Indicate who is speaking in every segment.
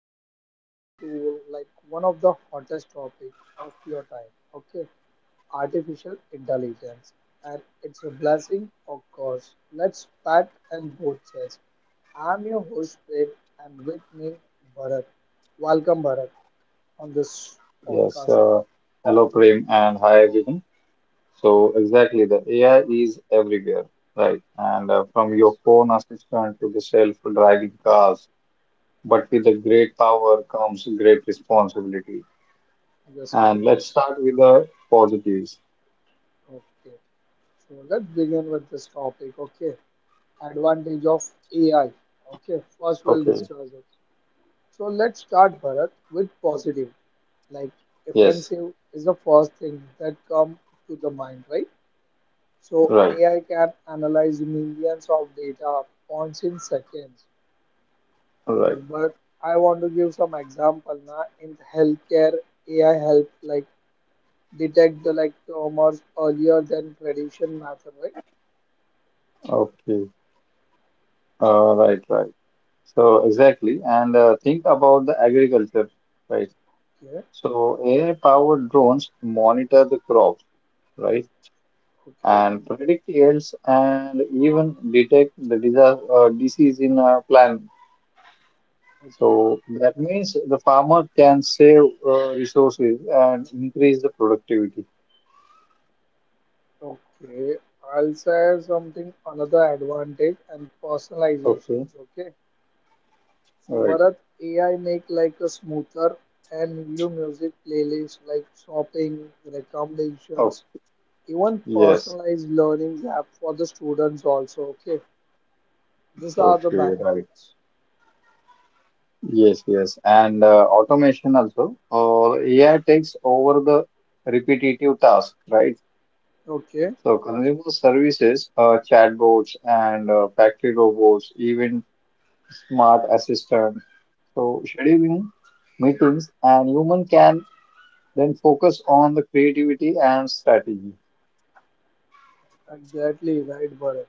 Speaker 1: today we are diving into like one of the hottest topic of your time. Okay, artificial intelligence, and it's a blessing, of course. Let's pat and both sides. I'm your host Pet, and with me Bharat. Welcome Bharat on this
Speaker 2: Yes,
Speaker 1: podcast.
Speaker 2: uh, hello Prem and hi everyone. So exactly, the AI is everywhere, right? And from your
Speaker 1: Yes,
Speaker 2: phone assistant to the self-driving cars, but with the great power comes great responsibility.
Speaker 1: yes, right.
Speaker 2: And let's start with the positives.
Speaker 1: Okay. So let's begin with this topic. Okay, advantage of AI. Okay, first we'll
Speaker 2: Okay.
Speaker 1: discuss it. So let's start Bharat with positive. Like
Speaker 2: Yes.
Speaker 1: offensive is the first thing that come to the mind, right? So
Speaker 2: Right.
Speaker 1: AI can analyze millions of data points in seconds.
Speaker 2: Right.
Speaker 1: If but I want to give some example now in healthcare, AI help like detect the like tumors earlier than tradition method, right?
Speaker 2: Okay. Right. Right. So exactly, and think about the agriculture, right?
Speaker 1: Okay,
Speaker 2: So AI-powered drones monitor the crops, right?
Speaker 1: okay,
Speaker 2: And predict yields and even detect the disease in planning.
Speaker 1: okay,
Speaker 2: So that means the farmer can save resources and increase the productivity.
Speaker 1: okay. I'll say something another advantage and
Speaker 2: Okay,
Speaker 1: personalizations, okay? So
Speaker 2: right.
Speaker 1: Bharat, AI make like a smoother and new music playlist like shopping,
Speaker 2: Oh,
Speaker 1: recommendations, even
Speaker 2: yes.
Speaker 1: personalized learning app for the students also. Okay, these are the
Speaker 2: Okay, right.
Speaker 1: benefits.
Speaker 2: Yes, yes. And automation also, or AI takes over the repetitive task, right?
Speaker 1: Okay,
Speaker 2: So consumer services, chatbots and factory robots, even smart assistant. So scheduling meetings, and human can then focus on the creativity and strategy.
Speaker 1: exactly right, Bharat.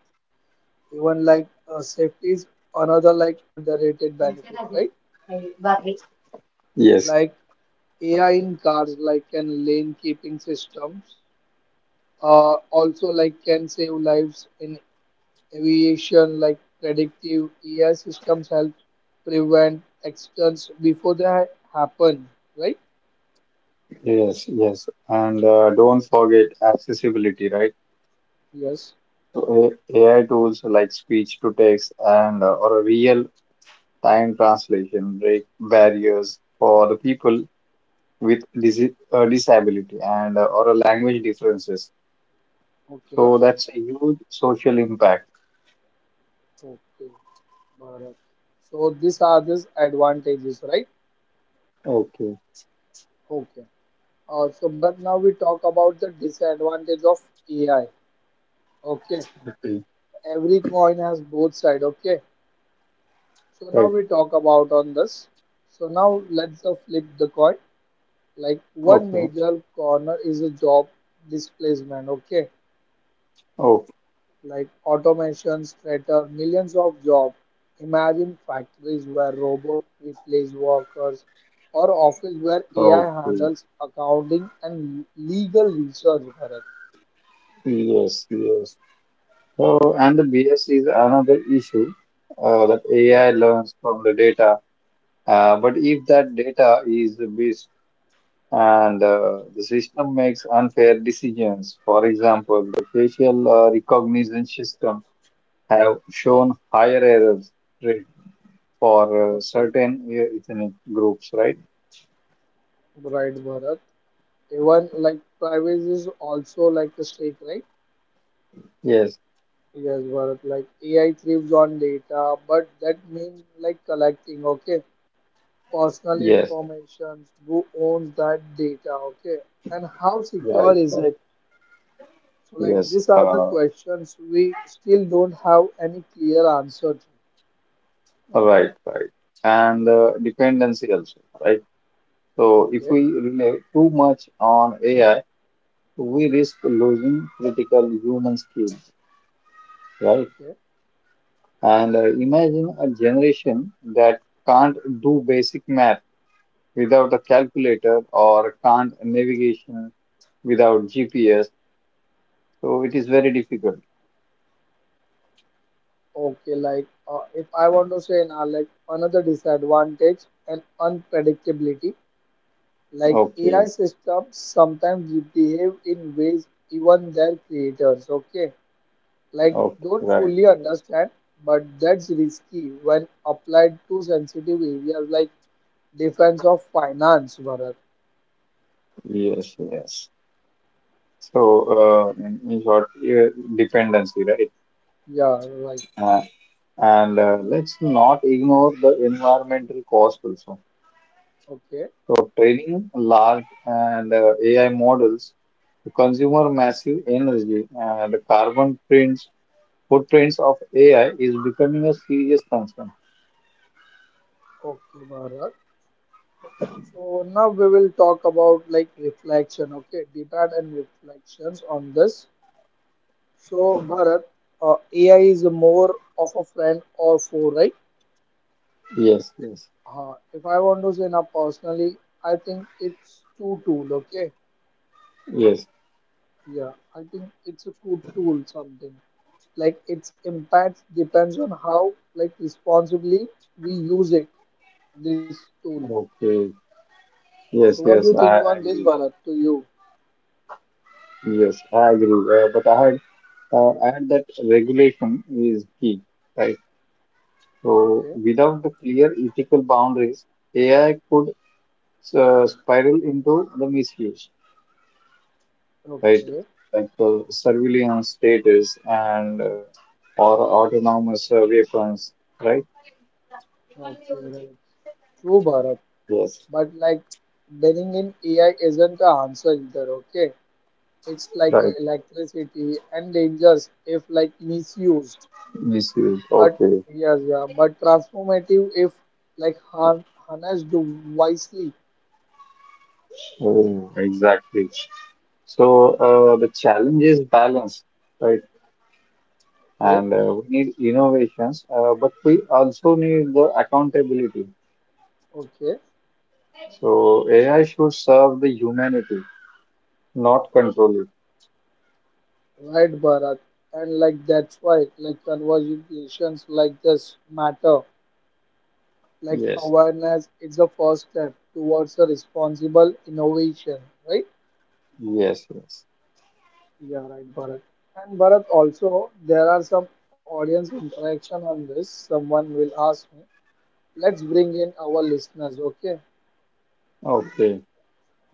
Speaker 1: Even like safety is another like underrated benefit, right?
Speaker 2: Yes,
Speaker 1: Like AI in cars, like can lane keeping systems, also like can save lives in aviation like predictive AI systems help prevent accidents before happen, right?
Speaker 2: yes, yes. And don't forget accessibility, right?
Speaker 1: Yes.
Speaker 2: So AI tools like speech to text and or a real time translation break barriers for the people with disability and or a language differences. So
Speaker 1: Okay.
Speaker 2: that's a huge social impact.
Speaker 1: Okay. Bharat. So these are the advantages, right?
Speaker 2: Okay,
Speaker 1: Okay. So Bharat, now we talk about the disadvantage of AI. Okay.
Speaker 2: okay,
Speaker 1: Every coin has both side. Okay. So now
Speaker 2: right.
Speaker 1: we talk about on this. So now let's flip the coin. Like one
Speaker 2: Okay,
Speaker 1: major corner is a job displacement. Okay.
Speaker 2: okay,
Speaker 1: Like automations threaten millions of jobs. Imagine factories where robots replace workers or office where AI
Speaker 2: okay.
Speaker 1: handles accounting and legal research, Bharat.
Speaker 2: Yes, yes. So, and the bias is another issue that
Speaker 1: Okay,
Speaker 2: AI learns from the data. But if that data is biased and the system makes unfair decisions. For example, the facial recognition system have shown higher errors rate for
Speaker 1: okay,
Speaker 2: certain ethnic groups, right?
Speaker 1: right, Bharat. Even like privacy is also like a stake, right?
Speaker 2: Yes,
Speaker 1: Yes, Bharat. Like AI thrives on data, but that means like collecting, okay, personal
Speaker 2: yes,
Speaker 1: information, who owns that data, okay, and how
Speaker 2: right,
Speaker 1: secure is
Speaker 2: right.
Speaker 1: it? So, like,
Speaker 2: Yes,
Speaker 1: these are the
Speaker 2: uh,
Speaker 1: questions we still don't have any clear answer to.
Speaker 2: right, right. And dependency also, right? So
Speaker 1: Okay,
Speaker 2: if we rely too much on AI, we risk losing critical human skills, right?
Speaker 1: okay,
Speaker 2: And imagine a generation that can't do basic math without a calculator or can't navigation without GPS. So it is very difficult.
Speaker 1: okay. Like, if I want to say now, like, another disadvantage and unpredictability, like, AI
Speaker 2: Okay,
Speaker 1: systems sometimes behave in ways even their creators, okay, like,
Speaker 2: okay,
Speaker 1: don't
Speaker 2: right.
Speaker 1: fully understand, but that's risky when applied to sensitive areas like defense of finance, Bharat.
Speaker 2: Yes, yes. So, in short, uh, dependency, right?
Speaker 1: Yeah, like,
Speaker 2: Uh, and let's not ignore the environmental cost also.
Speaker 1: okay.
Speaker 2: For training large and AI models, the consumer massive energy and carbon prints, footprints of AI is becoming a serious concern.
Speaker 1: Okay, Bharat. So now we will talk about like reflection, okay, debate and reflections on this. So Bharat, AI is more of a friend or foe, right?
Speaker 2: Yes, yes,
Speaker 1: If I want to say now personally, I think it's two tool, okay?
Speaker 2: yes.
Speaker 1: Yeah, I think it's a good tool something. Like its impact depends on how like responsibly we use it, this tool.
Speaker 2: Okay.
Speaker 1: So
Speaker 2: Yes,
Speaker 1: what do you
Speaker 2: yes,
Speaker 1: think
Speaker 2: I
Speaker 1: on this,
Speaker 2: agree.
Speaker 1: Bharat? To you,
Speaker 2: Yes, I agree. But I had add that regulation is key, right? So
Speaker 1: okay,
Speaker 2: without the clear ethical boundaries, AI could spiral into the misuse, right?
Speaker 1: okay.
Speaker 2: Like surveillance status and or autonomous weapons, right?
Speaker 1: Okay, right. True, Bharat.
Speaker 2: Yes,
Speaker 1: But like banning in AI isn't the answer either, okay? It's like
Speaker 2: right.
Speaker 1: electricity and dangerous if like misused.
Speaker 2: Misuse.
Speaker 1: But
Speaker 2: Okay.
Speaker 1: yes, yeah, but transformative if like harnessed wisely.
Speaker 2: Oh, exactly. So the challenge is balance, right?
Speaker 1: Okay,
Speaker 2: And we need innovations, but we also need the accountability.
Speaker 1: okay.
Speaker 2: So AI should serve the humanity, not control it.
Speaker 1: Right, Bharat. And like that's why like conversations like this matter. Like
Speaker 2: Yes.
Speaker 1: awareness is the first step towards a responsible innovation, right?
Speaker 2: Yes. Yes.
Speaker 1: Yeah, right, Bharat. And Bharat, also, there are some audience interaction on this. Someone will ask me, let's bring in our listeners, okay?
Speaker 2: Okay.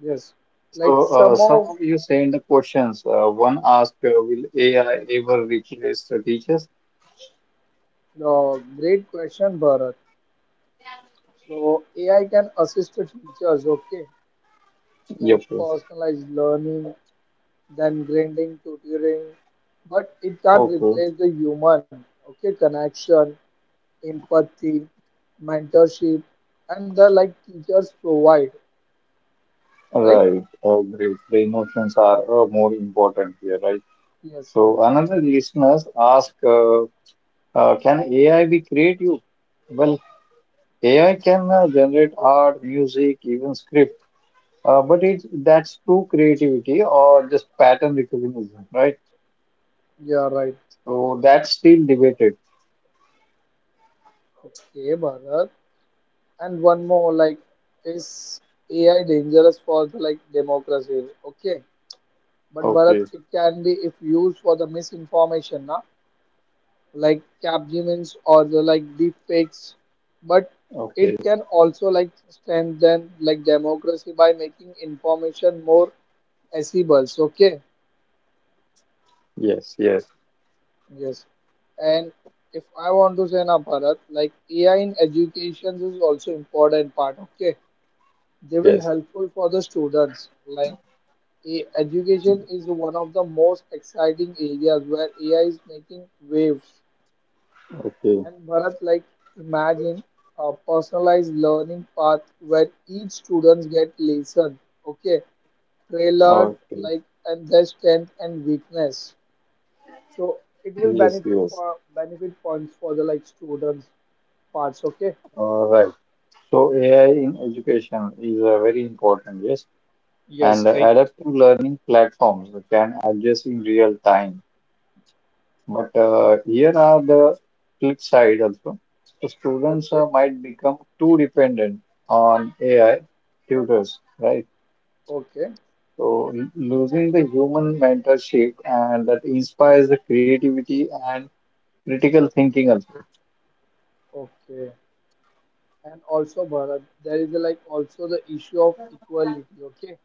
Speaker 1: Yes. Like
Speaker 2: So,
Speaker 1: some
Speaker 2: some
Speaker 1: of
Speaker 2: of you say in the questions. One asked, will AI ever replace the teachers?
Speaker 1: the great question, Bharat. So AI can assist the teachers, okay? Like
Speaker 2: Yep.
Speaker 1: personalized learning, then grading, tutoring, but it can't
Speaker 2: Okay.
Speaker 1: replace the human, okay? Connection, empathy, mentorship, and the like teachers provide, right?
Speaker 2: Right. Great. The emotions are more important here, right?
Speaker 1: Yes, right.
Speaker 2: So, another listeners ask, can AI be creative? Well, AI can generate art, music, even script, but it that's true creativity or just pattern recognition, right?
Speaker 1: Yeah, right.
Speaker 2: So that's still debated.
Speaker 1: Okay, Bharat. And one more, like, is AI dangerous for the, like democracy? Okay, but Bharat,
Speaker 2: Okay,
Speaker 1: it can be if used for the misinformation, na? Like capgemins or the like deep fakes. But
Speaker 2: okay,
Speaker 1: it can also like strengthen like democracy by making information more accessible. Okay,
Speaker 2: yes, yes,
Speaker 1: yes. And if I want to say now, Bharat, like AI in education is also important part. Okay, they will
Speaker 2: yes.
Speaker 1: helpful for the students. Like education is one of the most exciting areas where AI is making waves.
Speaker 2: Okay,
Speaker 1: And Bharat, like imagine a personalized learning path where each students get lesson. Okay, tailored
Speaker 2: okay,
Speaker 1: like and their strength and weakness. So it will
Speaker 2: yes,
Speaker 1: benefit
Speaker 2: yes.
Speaker 1: for benefit points for the like students parts. Okay.
Speaker 2: All right. So AI in education is very important, yes. And
Speaker 1: Yes,
Speaker 2: the
Speaker 1: right.
Speaker 2: adaptive learning platforms can adjust in real time. But here are the flip side also. So students
Speaker 1: Okay.
Speaker 2: might become too dependent on AI tutors, right?
Speaker 1: Okay.
Speaker 2: So losing the human mentorship and that inspires the creativity and critical thinking also.
Speaker 1: Okay. And also, Bharat, there is like also the issue of equality. Okay.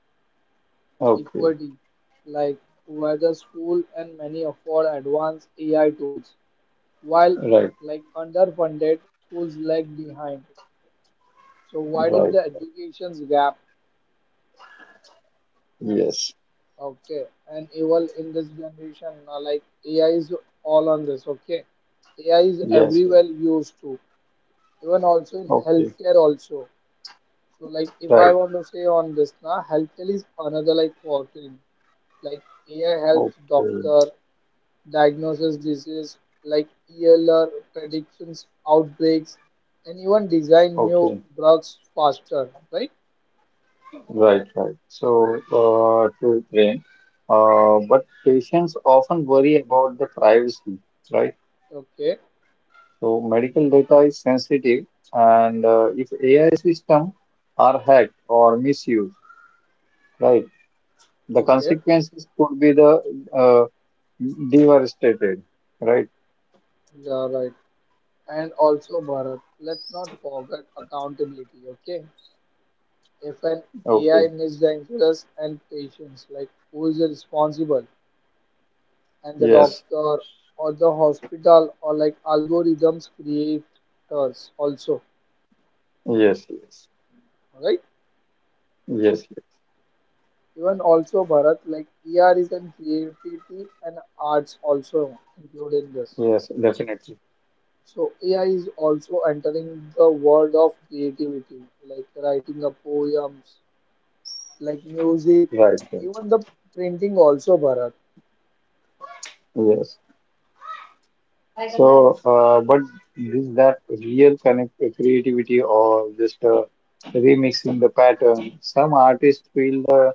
Speaker 2: Okay,
Speaker 1: Equality. Like whether school and many afford advanced AI tools while
Speaker 2: right,
Speaker 1: like underfunded schools lag behind. So widening
Speaker 2: right,
Speaker 1: the education's gap.
Speaker 2: yes.
Speaker 1: Okay, and evil in this generation, like AI is all on this. Okay, AI is
Speaker 2: Yes, yes.
Speaker 1: everywhere used to, even also in
Speaker 2: Okay,
Speaker 1: healthcare also. So like if
Speaker 2: right,
Speaker 1: I want to say on this now, healthcare is another like working. Like AI helps
Speaker 2: okay,
Speaker 1: doctor diagnosis disease, like ELR predictions, outbreaks, and even design new
Speaker 2: okay,
Speaker 1: drugs faster. Right?
Speaker 2: right, right. So, but patients often worry about the privacy, right?
Speaker 1: Okay.
Speaker 2: So, medical data is sensitive, and if AI system are hacked or misused, right, the
Speaker 1: Okay.
Speaker 2: consequences could be the uh, devastated, right?
Speaker 1: Yeah. Right. And also, Bharat, let's not forget accountability, okay? If an AI
Speaker 2: Okay,
Speaker 1: misdiagnoses and patients, like who is responsible? And the
Speaker 2: yes,
Speaker 1: doctor or the hospital or like algorithms creators also,
Speaker 2: yes, yes,
Speaker 1: alright?
Speaker 2: yes,
Speaker 1: Even also, Bharat, like AI is in creativity and arts also included in this.
Speaker 2: yes, definitely,
Speaker 1: So AI is also entering the world of creativity, like writing a poem, like music,
Speaker 2: right, right.
Speaker 1: even the printing also, Bharat.
Speaker 2: Yes. So, but is that real connect creativity or just remixing the pattern? Some artists feel the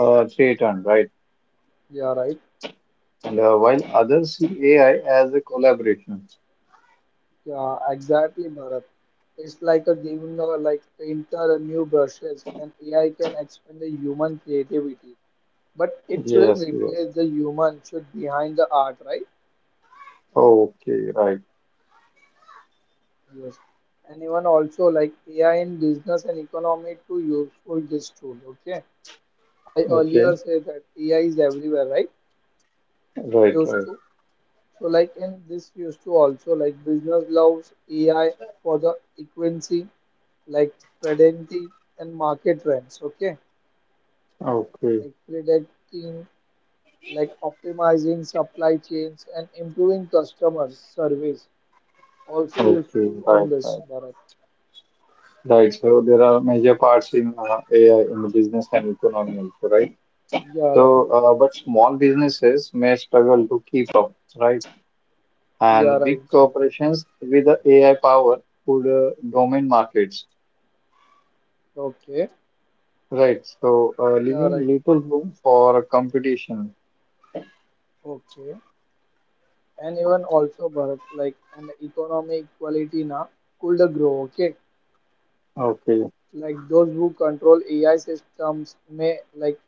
Speaker 2: threatened, right?
Speaker 1: Yeah, right.
Speaker 2: And while others see AI as a collaboration.
Speaker 1: Yeah, exactly, Bharat. It's like a giving a like painter a new brushes, and AI can expand the human creativity, but it shouldn't
Speaker 2: Yes, yes.
Speaker 1: replace the human should behind the art, right?
Speaker 2: Okay, right.
Speaker 1: Yes. And even also like AI in business and economy to useful this tool. Okay, I
Speaker 2: Okay,
Speaker 1: earlier said that AI is everywhere, right?
Speaker 2: right,
Speaker 1: Used
Speaker 2: right.
Speaker 1: to. So like in this used to also like business loves AI for the equivalency, like predicting and market trends. Okay,
Speaker 2: Okay,
Speaker 1: like predicting, like optimizing supply chains and improving customer service. Also
Speaker 2: okay,
Speaker 1: useful on
Speaker 2: right,
Speaker 1: this,
Speaker 2: right,
Speaker 1: Bharat.
Speaker 2: right. So there are major parts in AI in the business and economy also, right?
Speaker 1: Yeah, right.
Speaker 2: So, but small businesses may struggle to keep up, right?
Speaker 1: Yeah,
Speaker 2: And big
Speaker 1: right, Bharat.
Speaker 2: corporations with the AI power could dominate markets,
Speaker 1: Okay.
Speaker 2: right? So,
Speaker 1: Yeah,
Speaker 2: leaving
Speaker 1: right.
Speaker 2: little room for competition.
Speaker 1: Okay. And even also, Bharat, like and economic equality now could grow. Okay.
Speaker 2: Okay,
Speaker 1: Like those who control AI systems may like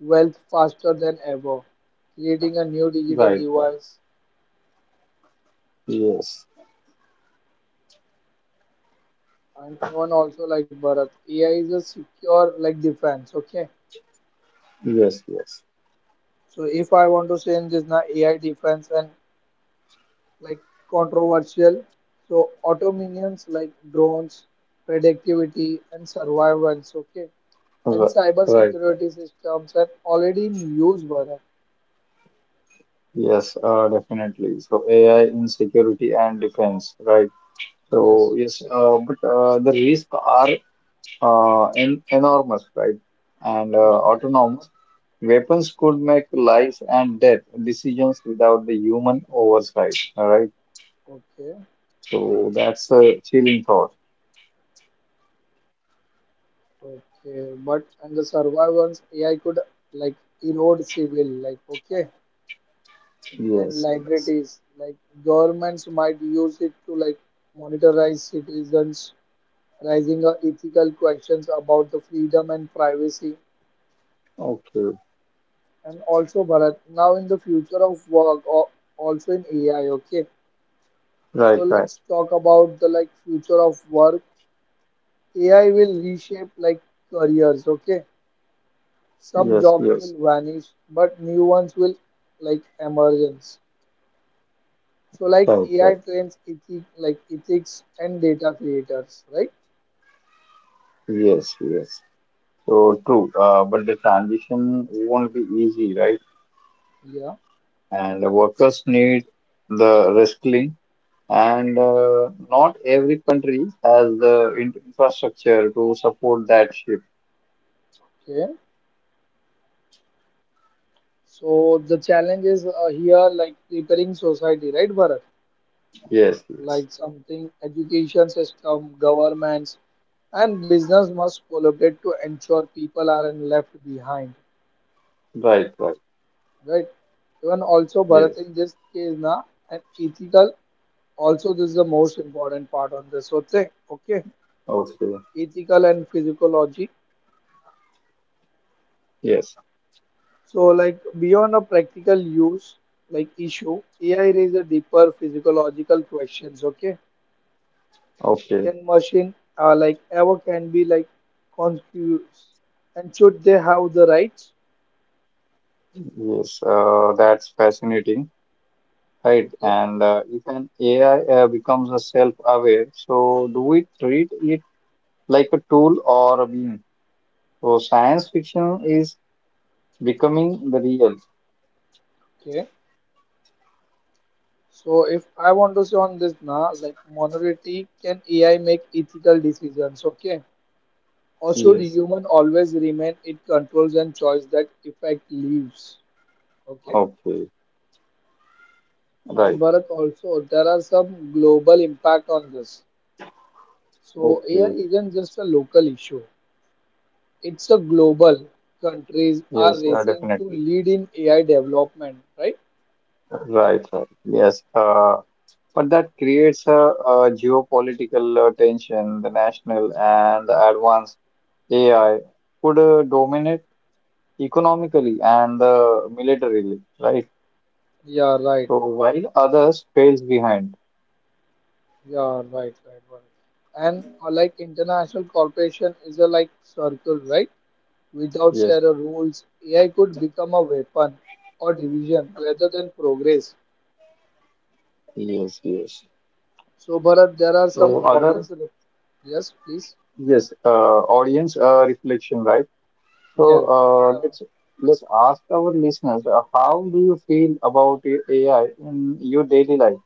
Speaker 1: wealth faster than ever, creating a new digital
Speaker 2: right, right.
Speaker 1: device.
Speaker 2: Yes,
Speaker 1: And even also like Bharat, AI is a secure like defense. Okay,
Speaker 2: yes, yes.
Speaker 1: so if I want to say this now AI defense and like controversial, so auto minions like drones, predictivity and surveillance. Okay, and
Speaker 2: Ri-
Speaker 1: cyber
Speaker 2: Right, right.
Speaker 1: security systems are already in use. Bharat,
Speaker 2: Yes, definitely. So, AI in security and defense, right?
Speaker 1: yes.
Speaker 2: So, yes, but the risks are en enormous, right? And
Speaker 1: Okay.
Speaker 2: autonomous weapons could make life and death decisions without the human oversight. All right.
Speaker 1: Okay.
Speaker 2: So that's a chilling thought.
Speaker 1: Okay, but and the survivors AI could like erode civil like okay and
Speaker 2: Yes, yes.
Speaker 1: liabilities like governments might use it to like monitorize citizens, raising ethical questions about the freedom and privacy.
Speaker 2: Okay.
Speaker 1: And also, Bharat, now in the future of work, or also in AI. Okay, so
Speaker 2: Right, right.
Speaker 1: let's talk about the like future of work. AI will reshape like careers. Okay, some
Speaker 2: Yes,
Speaker 1: jobs
Speaker 2: yes.
Speaker 1: will vanish but new ones will like emergence. So like
Speaker 2: Right,
Speaker 1: AI
Speaker 2: right.
Speaker 1: trains ethic like ethics and data creators, right?
Speaker 2: Yes, yes. So true. But the transition won't be easy, right?
Speaker 1: Yeah,
Speaker 2: And the workers need the reskilling. And not every country has the infrastructure to support that shift.
Speaker 1: okay. So the challenge is here like preparing society, right, Bharat?
Speaker 2: Yes, yes.
Speaker 1: Like something education system, governments, and business must collaborate to ensure people aren't left behind,
Speaker 2: Right, right.
Speaker 1: right? Even also Bharat
Speaker 2: Yes.
Speaker 1: in this case na, an ethical also, this is the most important part on this whole thing, okay?
Speaker 2: Okay.
Speaker 1: Ethical and physiology.
Speaker 2: Yes,
Speaker 1: So like beyond a practical use, like issue AI raises deeper physiological questions, okay?
Speaker 2: okay,
Speaker 1: Can machine like ever can be like conscious, and should they have the rights?
Speaker 2: yes, that's fascinating, right?
Speaker 1: Okay,
Speaker 2: And if an AI becomes a self-aware, so do we treat it like a tool or a being? So science fiction is becoming the real.
Speaker 1: okay. So if I want to say on this now, like minority can AI make ethical decisions, okay? Also, the
Speaker 2: Yes,
Speaker 1: human always remain it controls and choice that effect leaves. Okay.
Speaker 2: okay,
Speaker 1: And
Speaker 2: right,
Speaker 1: Bharat also, there are some global impact on this. So here
Speaker 2: okay,
Speaker 1: isn't just a local issue. It's a global. Countries are
Speaker 2: yes,
Speaker 1: racing to
Speaker 2: definitely,
Speaker 1: lead in AI development, right?
Speaker 2: right, right, yes. But that creates a geopolitical tension. The national and advanced AI could dominate economically and militarily, right?
Speaker 1: Yeah, right.
Speaker 2: So while others fails behind.
Speaker 1: Yeah, right, right, right. And like international corporation is a like circle, right? Without
Speaker 2: Yes,
Speaker 1: sharer rules, AI could become a weapon or division rather than progress.
Speaker 2: yes, yes.
Speaker 1: So, Bharat, there are some
Speaker 2: So other,
Speaker 1: Yes, please.
Speaker 2: yes, audience reflection, right? So
Speaker 1: Yes, there
Speaker 2: uh,
Speaker 1: are.
Speaker 2: let's let's ask our listeners, how do you feel about AI in your daily life?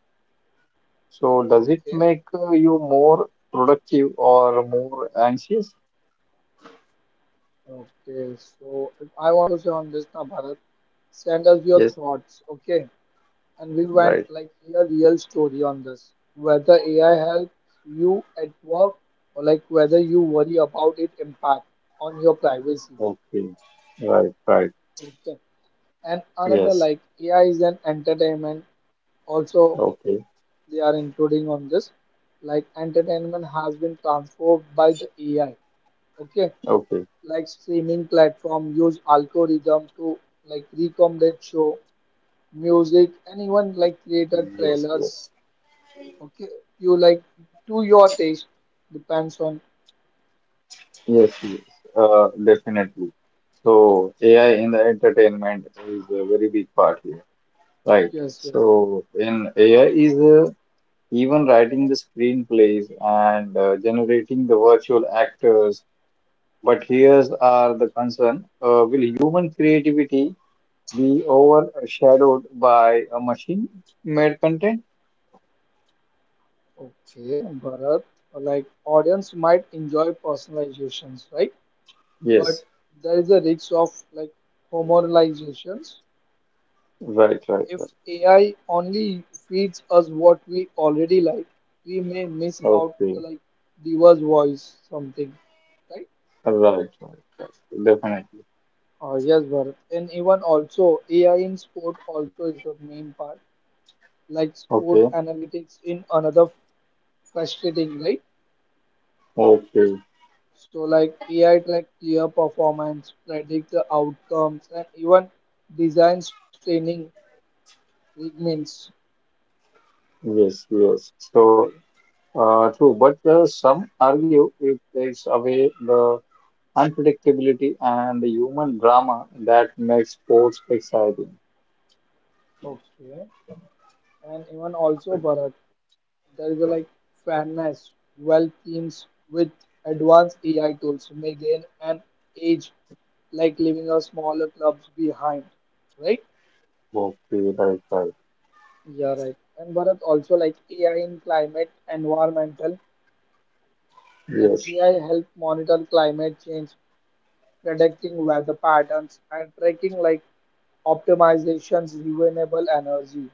Speaker 2: So does it
Speaker 1: Okay.
Speaker 2: make you more productive or more anxious?
Speaker 1: Okay. So, if I want to say on this now, Bharat, send us your
Speaker 2: Yes,
Speaker 1: thoughts. Okay. And we
Speaker 2: right.
Speaker 1: want like a real story on this. Whether AI helps you at work or like whether you worry about its impact on your privacy.
Speaker 2: Okay, right, right.
Speaker 1: Okay. And another
Speaker 2: Yes.
Speaker 1: like AI is an entertainment also,
Speaker 2: Okay,
Speaker 1: they are including on this, like entertainment has been transformed by the AI, okay,
Speaker 2: okay.
Speaker 1: like streaming platform use algorithm to like recommended show, music anyone like created
Speaker 2: Yes,
Speaker 1: trailers,
Speaker 2: yes.
Speaker 1: okay, you like to your taste depends on.
Speaker 2: Yes, yes, definitely. So AI in the entertainment is a very big part here, right?
Speaker 1: Yes, yes,
Speaker 2: So in AI is even writing the screenplays and generating the virtual actors. But here's are the concern: will human creativity be overshadowed by a machine-made content?
Speaker 1: okay. Bharat, like audience might enjoy personalizations, right?
Speaker 2: Yes,
Speaker 1: But there is a risk of like homologizations.
Speaker 2: right, right,
Speaker 1: If
Speaker 2: right.
Speaker 1: AI only feeds us what we already like, we may miss out the
Speaker 2: Okay,
Speaker 1: like Diva's voice something, right?
Speaker 2: right, right, right. Definitely.
Speaker 1: Oh yes, Bharat. And even also AI in sport also is the main part, like
Speaker 2: Okay,
Speaker 1: sport analytics in another frustrating, right?
Speaker 2: okay.
Speaker 1: So like AI track player performance, predict the outcomes, and even designs training regiments.
Speaker 2: Yes, yes. So, true, but some argue it takes away the unpredictability and the human drama that makes sports exciting.
Speaker 1: Okay. And even also Bharat, there is a like fairness. Well, teams with advanced AI tools may gain an edge, like leaving a smaller clubs behind, right?
Speaker 2: Okay, right, right.
Speaker 1: Yeah, right. And Bharat also like AI in climate, environmental, like
Speaker 2: Yes,
Speaker 1: AI help monitor climate change, predicting weather patterns and tracking like optimizations renewable energy.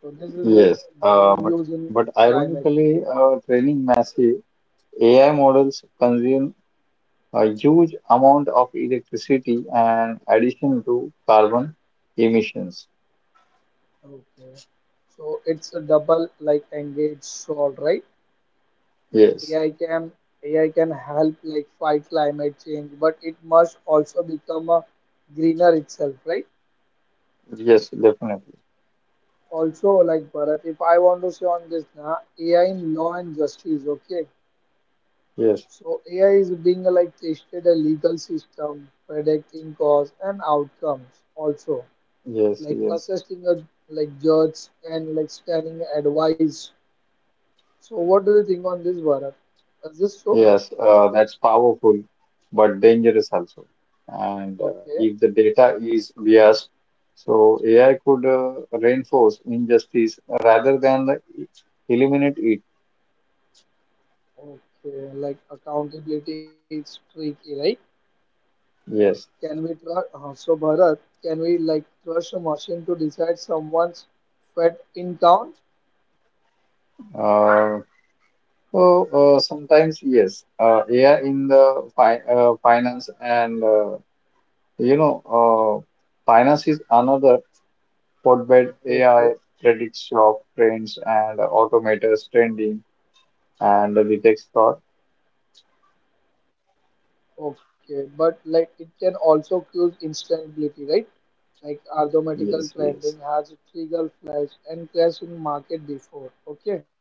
Speaker 1: So this is a,
Speaker 2: yes.
Speaker 1: they
Speaker 2: Uh,
Speaker 1: will
Speaker 2: but,
Speaker 1: use in
Speaker 2: but
Speaker 1: climate.
Speaker 2: ironically, training massive AI models consume a huge amount of electricity and addition to carbon emissions.
Speaker 1: Okay. So it's a double like engaged sword, right?
Speaker 2: Yes,
Speaker 1: AI can AI can help like fight climate change, but it must also become a greener itself, right?
Speaker 2: yes, definitely.
Speaker 1: Also, like Bharat, if I want to say on this now, AI in law and justice, okay.
Speaker 2: Yes,
Speaker 1: So AI is being like tested a legal system, predicting cause and outcomes also,
Speaker 2: yes,
Speaker 1: like
Speaker 2: yes.
Speaker 1: assessing a like judge and like scanning advice. So what do you think on this, Bharat? Is this so?
Speaker 2: Yes, that's powerful, but dangerous also. And
Speaker 1: Okay,
Speaker 2: if the data is biased, so AI could reinforce injustice rather than the, eliminate it.
Speaker 1: okay. Like accountability is tricky, right?
Speaker 2: Yes.
Speaker 1: Can we trust? So Bharat, can we like trust a machine to decide someone's fat in town?
Speaker 2: Uh, so sometimes yes, AI in the fi finance and you know finance is another hotbed. AI
Speaker 1: Okay,
Speaker 2: predicts shop trends and automators trending and detects fraud.
Speaker 1: okay. But like it can also cause instability, right? Like
Speaker 2: Yes,
Speaker 1: arithmetical
Speaker 2: yes.
Speaker 1: trending has trigger flash and crash in market before. Okay.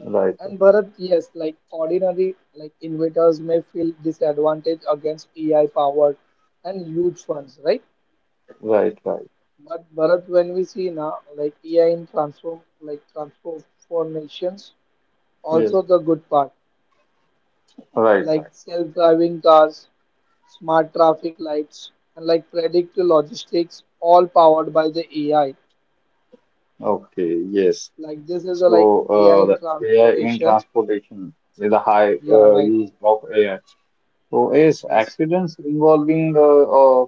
Speaker 1: And Bharat, yes, like ordinary like investors may feel disadvantaged against AI powered and huge funds, right?
Speaker 2: right, right.
Speaker 1: But Bharat, when we see now like AI in transform like transformations,
Speaker 2: Yes,
Speaker 1: also the good part,
Speaker 2: right,
Speaker 1: like
Speaker 2: right.
Speaker 1: self-driving cars, smart traffic lights, and like predictive logistics, all powered by the AI.
Speaker 2: Okay, yes.
Speaker 1: Like this is the like
Speaker 2: So,
Speaker 1: AI in
Speaker 2: the AI in
Speaker 1: transportation.
Speaker 2: transportation with a high
Speaker 1: Yeah, right.
Speaker 2: use of AI. So, is
Speaker 1: Yes.
Speaker 2: accidents involving uh,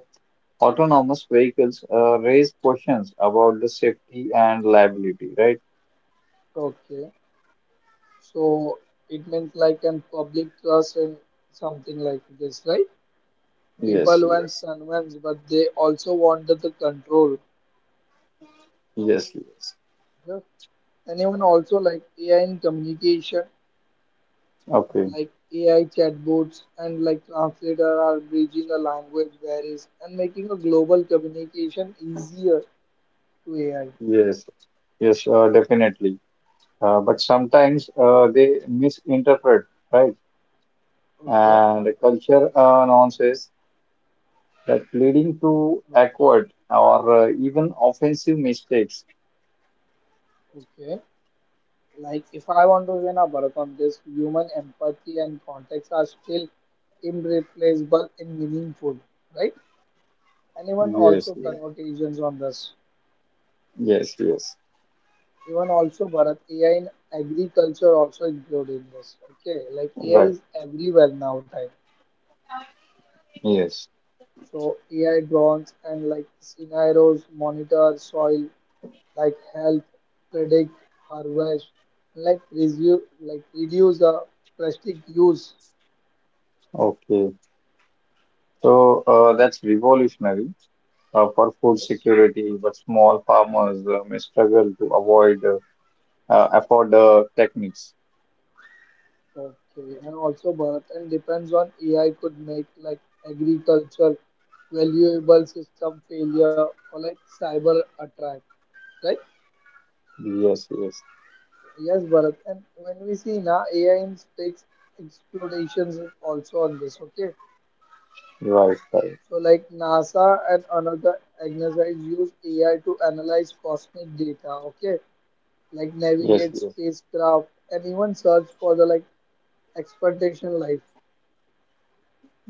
Speaker 2: autonomous vehicles raise questions about the safety and liability, right?
Speaker 1: Okay. So it means like an public trust and something like this, right?
Speaker 2: Yes,
Speaker 1: People once
Speaker 2: yes,
Speaker 1: convinced, but they also wanted the control.
Speaker 2: yes, yes.
Speaker 1: Yeah. And even also like AI in communication,
Speaker 2: Okay,
Speaker 1: like AI chatbots and like translator are bridging the language barriers and making a global communication easier to AI.
Speaker 2: yes, yes, definitely. But sometimes
Speaker 1: Okay.
Speaker 2: they misinterpret, right?
Speaker 1: Okay.
Speaker 2: And the culture nonsense that leading to awkward or even offensive mistakes.
Speaker 1: Okay. Like if I want to win a marathon this human empathy and context are still irreplaceable and meaningful, right? And even
Speaker 2: Yes,
Speaker 1: also
Speaker 2: yes,
Speaker 1: conversations on this.
Speaker 2: yes, yes.
Speaker 1: Even also Bharat, AI in agriculture also included in this. Okay, like AI
Speaker 2: Right.
Speaker 1: is everywhere now time.
Speaker 2: Yes.
Speaker 1: So AI drones and like scenarios monitor soil, like health, predict harvest, like reduce the plastic use.
Speaker 2: Okay. So that's revolutionary for food
Speaker 1: Yes.
Speaker 2: security, but small farmers may struggle to avoid afford techniques.
Speaker 1: Okay, and also Bharat, and depends on AI could make like agriculture, valuable system failure or like cyber attack, right?
Speaker 2: Yes, yes.
Speaker 1: Yes, Bharat, and when we see now AI in space explorations is also on this, okay?
Speaker 2: Right, right.
Speaker 1: So like NASA and another agencies use AI to analyze cosmic data, okay? Like
Speaker 2: Yes,
Speaker 1: navigate
Speaker 2: yes.
Speaker 1: spacecraft and even search for the like expectation life.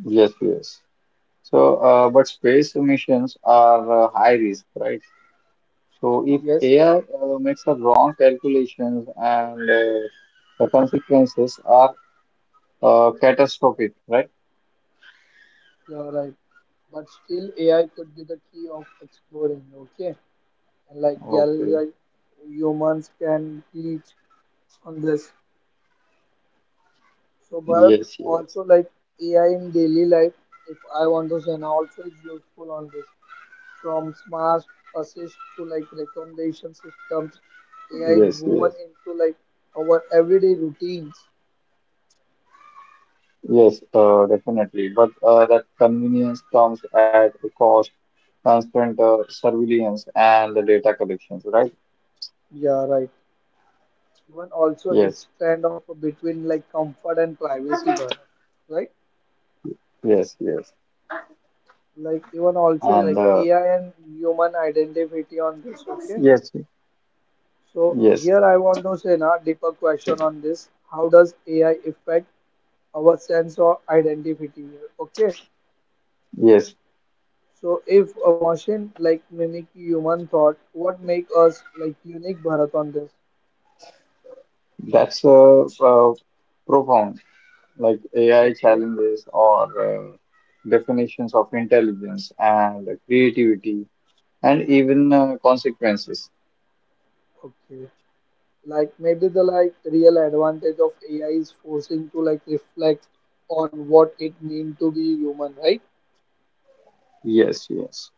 Speaker 2: Yes, yes. So, but space missions are high risk, right? So if
Speaker 1: Yes,
Speaker 2: AI makes a wrong calculations and the consequences are catastrophic, right?
Speaker 1: you're right, but still AI could be the key of exploring, okay? And like there is
Speaker 2: Okay.
Speaker 1: like humans can teach on this. So but
Speaker 2: Yes, yes,
Speaker 1: also like AI in daily life, if I want to say now also is useful on this. From smart assist to like recommendation systems, AI is
Speaker 2: yes, yes,
Speaker 1: woven into like our everyday routines.
Speaker 2: yes, definitely. But that convenience comes at the cost, constant surveillance and the data collections, right?
Speaker 1: Yeah, right. Even also
Speaker 2: Yes,
Speaker 1: it's kind of between like comfort and privacy, Bharat, right?
Speaker 2: yes, yes.
Speaker 1: Like even also
Speaker 2: And
Speaker 1: like
Speaker 2: uh,
Speaker 1: AI and human identity on this. Okay,
Speaker 2: yes,
Speaker 1: so
Speaker 2: yes,
Speaker 1: here I want to say now deeper question on this: how does AI affect our sense of identity? Okay,
Speaker 2: yes.
Speaker 1: so if a machine like mimic human thought, what make us like unique, Bharat, on this?
Speaker 2: That's profound. Like AI
Speaker 1: Okay,
Speaker 2: challenges or definitions of intelligence and creativity and even consequences.
Speaker 1: okay, like maybe the like real advantage of AI is forcing to like reflect on what it mean to be human, right?
Speaker 2: Yes, yes,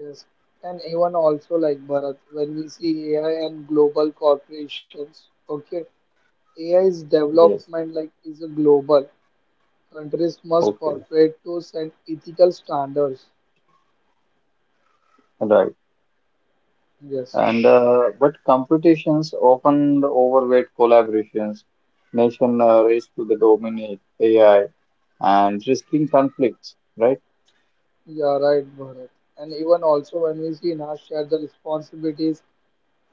Speaker 1: Yes. And even also like Bharat, when we see AI and global corporations, okay, AI's
Speaker 2: yes.
Speaker 1: development like is a global. Countries must
Speaker 2: Okay,
Speaker 1: cooperate to set ethical standards.
Speaker 2: right.
Speaker 1: Yes.
Speaker 2: And but competitions often overweight collaborations, nation race to the dominate AI and risking conflicts. Right?
Speaker 1: Yeah, right, Bharat. And even also when we see now share the responsibilities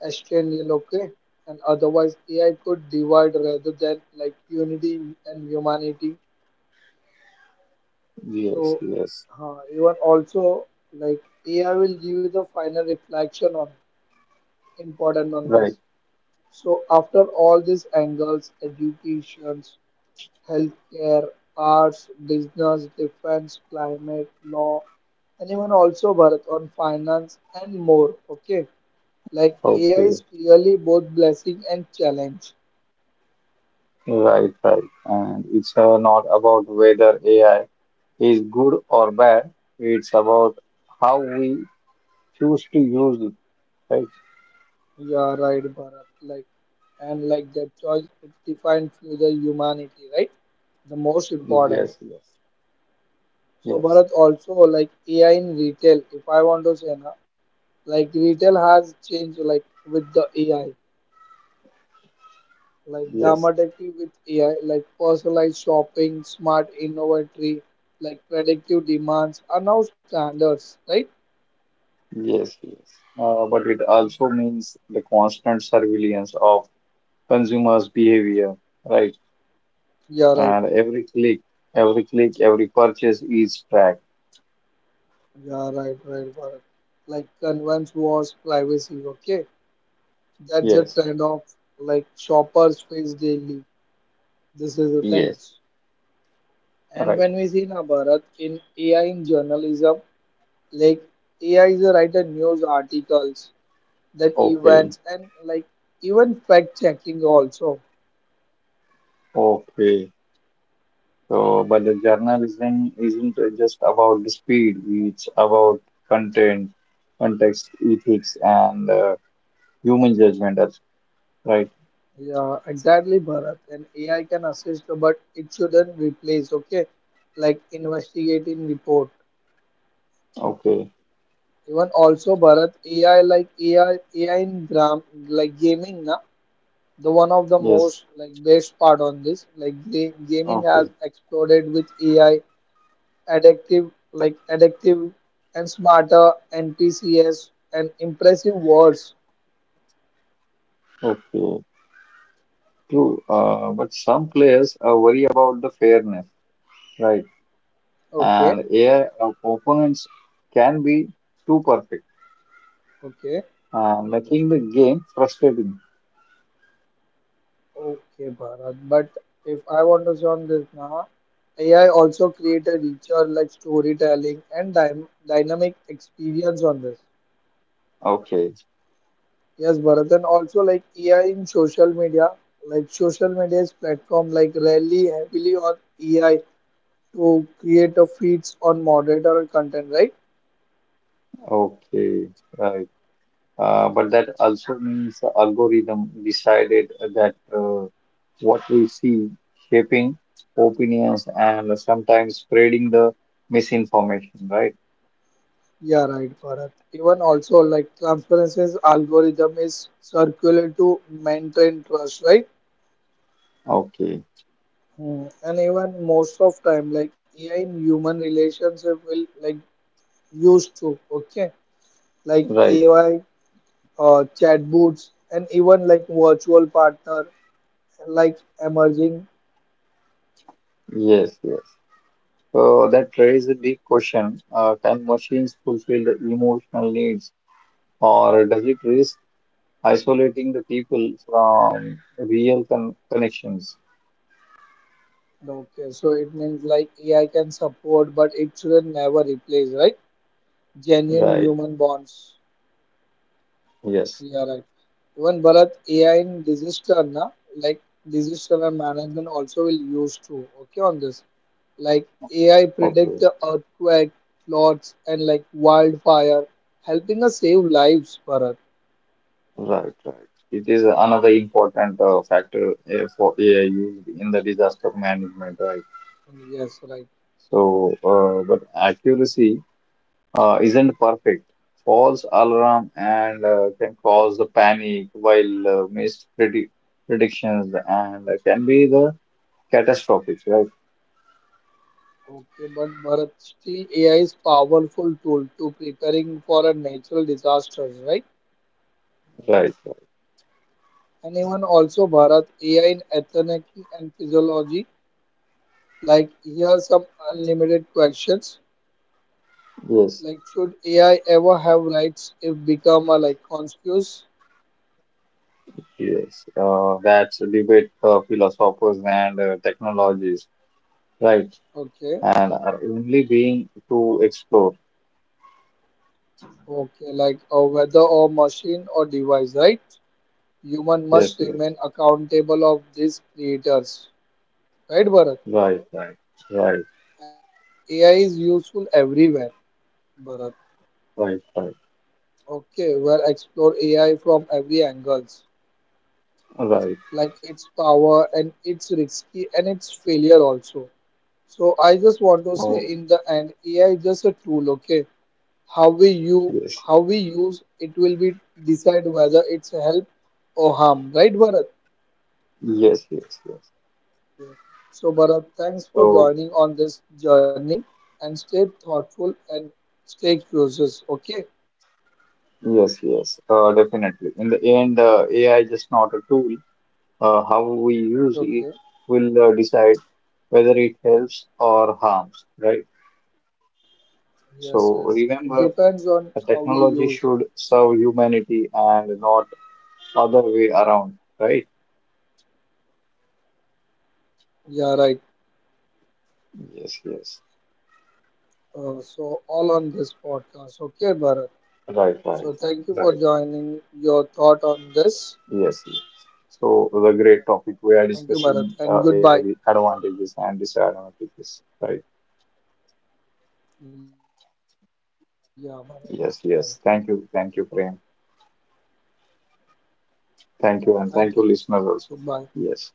Speaker 1: external, okay? And otherwise AI could divide rather than like unity and humanity.
Speaker 2: Yes,
Speaker 1: So,
Speaker 2: yes.
Speaker 1: even also like AI will give you the final reflection on important on
Speaker 2: Right.
Speaker 1: this. So after all these angles, educations, healthcare, arts, business, defense, climate, law, and even also Bharat on finance and more. Okay, like AI is
Speaker 2: Okay.
Speaker 1: clearly both blessing and challenge.
Speaker 2: Right, right. And it's not about whether AI is good or bad. It's about how we choose to use it, right?
Speaker 1: Yeah, right, Bharat. Like and like that choice it defines future humanity, right? The most important.
Speaker 2: Yes, yes,
Speaker 1: So
Speaker 2: yes,
Speaker 1: Bharat also like AI in retail, if I want to say na, like retail has changed like with the AI, like
Speaker 2: yes,
Speaker 1: dramatically with AI, like personalized shopping, smart inventory, like predictive demands are now standards, right?
Speaker 2: yes, yes. But it also means the constant surveillance of consumers' behavior, right?
Speaker 1: Yeah, right.
Speaker 2: And every click, every purchase is tracked.
Speaker 1: Yeah, right, right, Bharat. Like convenience was privacy, okay? That's the
Speaker 2: Yes,
Speaker 1: trend of like shoppers face daily. This is the
Speaker 2: yes,
Speaker 1: things. And
Speaker 2: right.
Speaker 1: when we see na Bharat in AI in journalism, like AI is a writer news articles, then
Speaker 2: Okay,
Speaker 1: events and like even fact checking also.
Speaker 2: okay. So, but the journalism isn't just about the speed, it's about content, context, ethics, and human judgment, right?
Speaker 1: Yeah, exactly, Bharat. And AI can assist, but it shouldn't replace. Okay, like investigating report.
Speaker 2: Okay,
Speaker 1: Even also, Bharat AI like AI in gram like gaming na the one of the
Speaker 2: yes,
Speaker 1: most like best part on this like gaming has
Speaker 2: okay,
Speaker 1: exploded with AI addictive like addictive and smarter and TCS and impressive words.
Speaker 2: okay, true. But some players are worried about the fairness, right?
Speaker 1: Okay,
Speaker 2: And AI opponents can be too perfect,
Speaker 1: okay,
Speaker 2: making the game frustrating.
Speaker 1: okay, Bharat. But if I want to join this now, AI also create a richer like storytelling and dynamic experience on this.
Speaker 2: Okay,
Speaker 1: Yes, Bharat, and also like AI in social media, like social media's platform like rely heavily on AI to create a feeds on moderator content, right?
Speaker 2: okay, right. But that also means the algorithm decided that what we see shaping opinions and sometimes spreading the misinformation, right?
Speaker 1: Yeah, right, Bharat. Even also like transparency's algorithm is circular to maintain trust, right?
Speaker 2: Okay.
Speaker 1: Hmm. And even most of time, like AI in human relationship will like used to, okay? Like
Speaker 2: Right.
Speaker 1: AI, chatbots, and even like virtual partner, like emerging.
Speaker 2: Yes, yes. So that raises a big question. Can machines fulfill the emotional needs, or does it risk isolating the people from real connections?
Speaker 1: Okay, so it means like AI can support, but it shouldn't never replace, right? Genuine
Speaker 2: Right.
Speaker 1: human bonds.
Speaker 2: Yes.
Speaker 1: Yeah, right. Even Bharat, AI in disaster, na, like disaster and management also will use too. Okay, on this, like AI predict
Speaker 2: Okay.
Speaker 1: the earthquake, floods, and like wildfire, helping us save lives, Bharat.
Speaker 2: Right, right. It is another important factor for AI used in the disaster management, right?
Speaker 1: Yes, right.
Speaker 2: So, but accuracy isn't perfect. False alarm and can cause the panic, while missed predictions and can be the catastrophic, right?
Speaker 1: Okay, but Bharat, still AI is powerful tool to preparing for a natural disasters, right?
Speaker 2: Right, right.
Speaker 1: And even also Bharat, AI in ethnic and physiology, like here are some unlimited questions.
Speaker 2: Yes,
Speaker 1: Like, should AI ever have rights if become a like conscious?
Speaker 2: yes. That's a debate philosophers and technologies, right?
Speaker 1: Okay,
Speaker 2: And are only being to explore.
Speaker 1: okay, like a whether or machine or device, right? Human
Speaker 2: Yes,
Speaker 1: must
Speaker 2: yes.
Speaker 1: remain accountable of these creators, right, Bharat?
Speaker 2: Right, right, right,
Speaker 1: And AI is useful everywhere, Bharat.
Speaker 2: right, right,
Speaker 1: Okay, we'll explore AI from every angles,
Speaker 2: right.
Speaker 1: like its power and its risky and its failure also. So I just want to say
Speaker 2: Oh,
Speaker 1: in the end, AI is just a tool, okay? How we you
Speaker 2: yes,
Speaker 1: how we use it will be decide whether it's a help or harm, right, Bharat?
Speaker 2: yes, yes, yes.
Speaker 1: Yeah. So Bharat, thanks for
Speaker 2: So,
Speaker 1: joining on this journey and stay thoughtful and stay curious. Okay,
Speaker 2: yes, yes, definitely. In the end, AI is just not a tool. How we use
Speaker 1: okay.
Speaker 2: it will decide whether it helps or harms, right?
Speaker 1: Yes, yes. It
Speaker 2: So,
Speaker 1: depends on how
Speaker 2: remember,
Speaker 1: we use.
Speaker 2: a technology should serve humanity and not other way around, right?
Speaker 1: Yeah, right.
Speaker 2: Yes,
Speaker 1: Uh,
Speaker 2: yes,
Speaker 1: so all on this podcast. Okay, Bharat. So thank you for joining
Speaker 2: right,
Speaker 1: your
Speaker 2: right,
Speaker 1: thought on
Speaker 2: right.
Speaker 1: this.
Speaker 2: Yes. Yes.
Speaker 1: Thank you, Bharat,
Speaker 2: So the
Speaker 1: and
Speaker 2: great
Speaker 1: goodbye.
Speaker 2: topic we are discussing AI advantages and disadvantages, right?
Speaker 1: Yeah, Bharat. Right.
Speaker 2: Yes, yes. Thank you, Prem.
Speaker 1: Thank you. Goodbye.
Speaker 2: Thank you, and thank you, listeners also. Yes.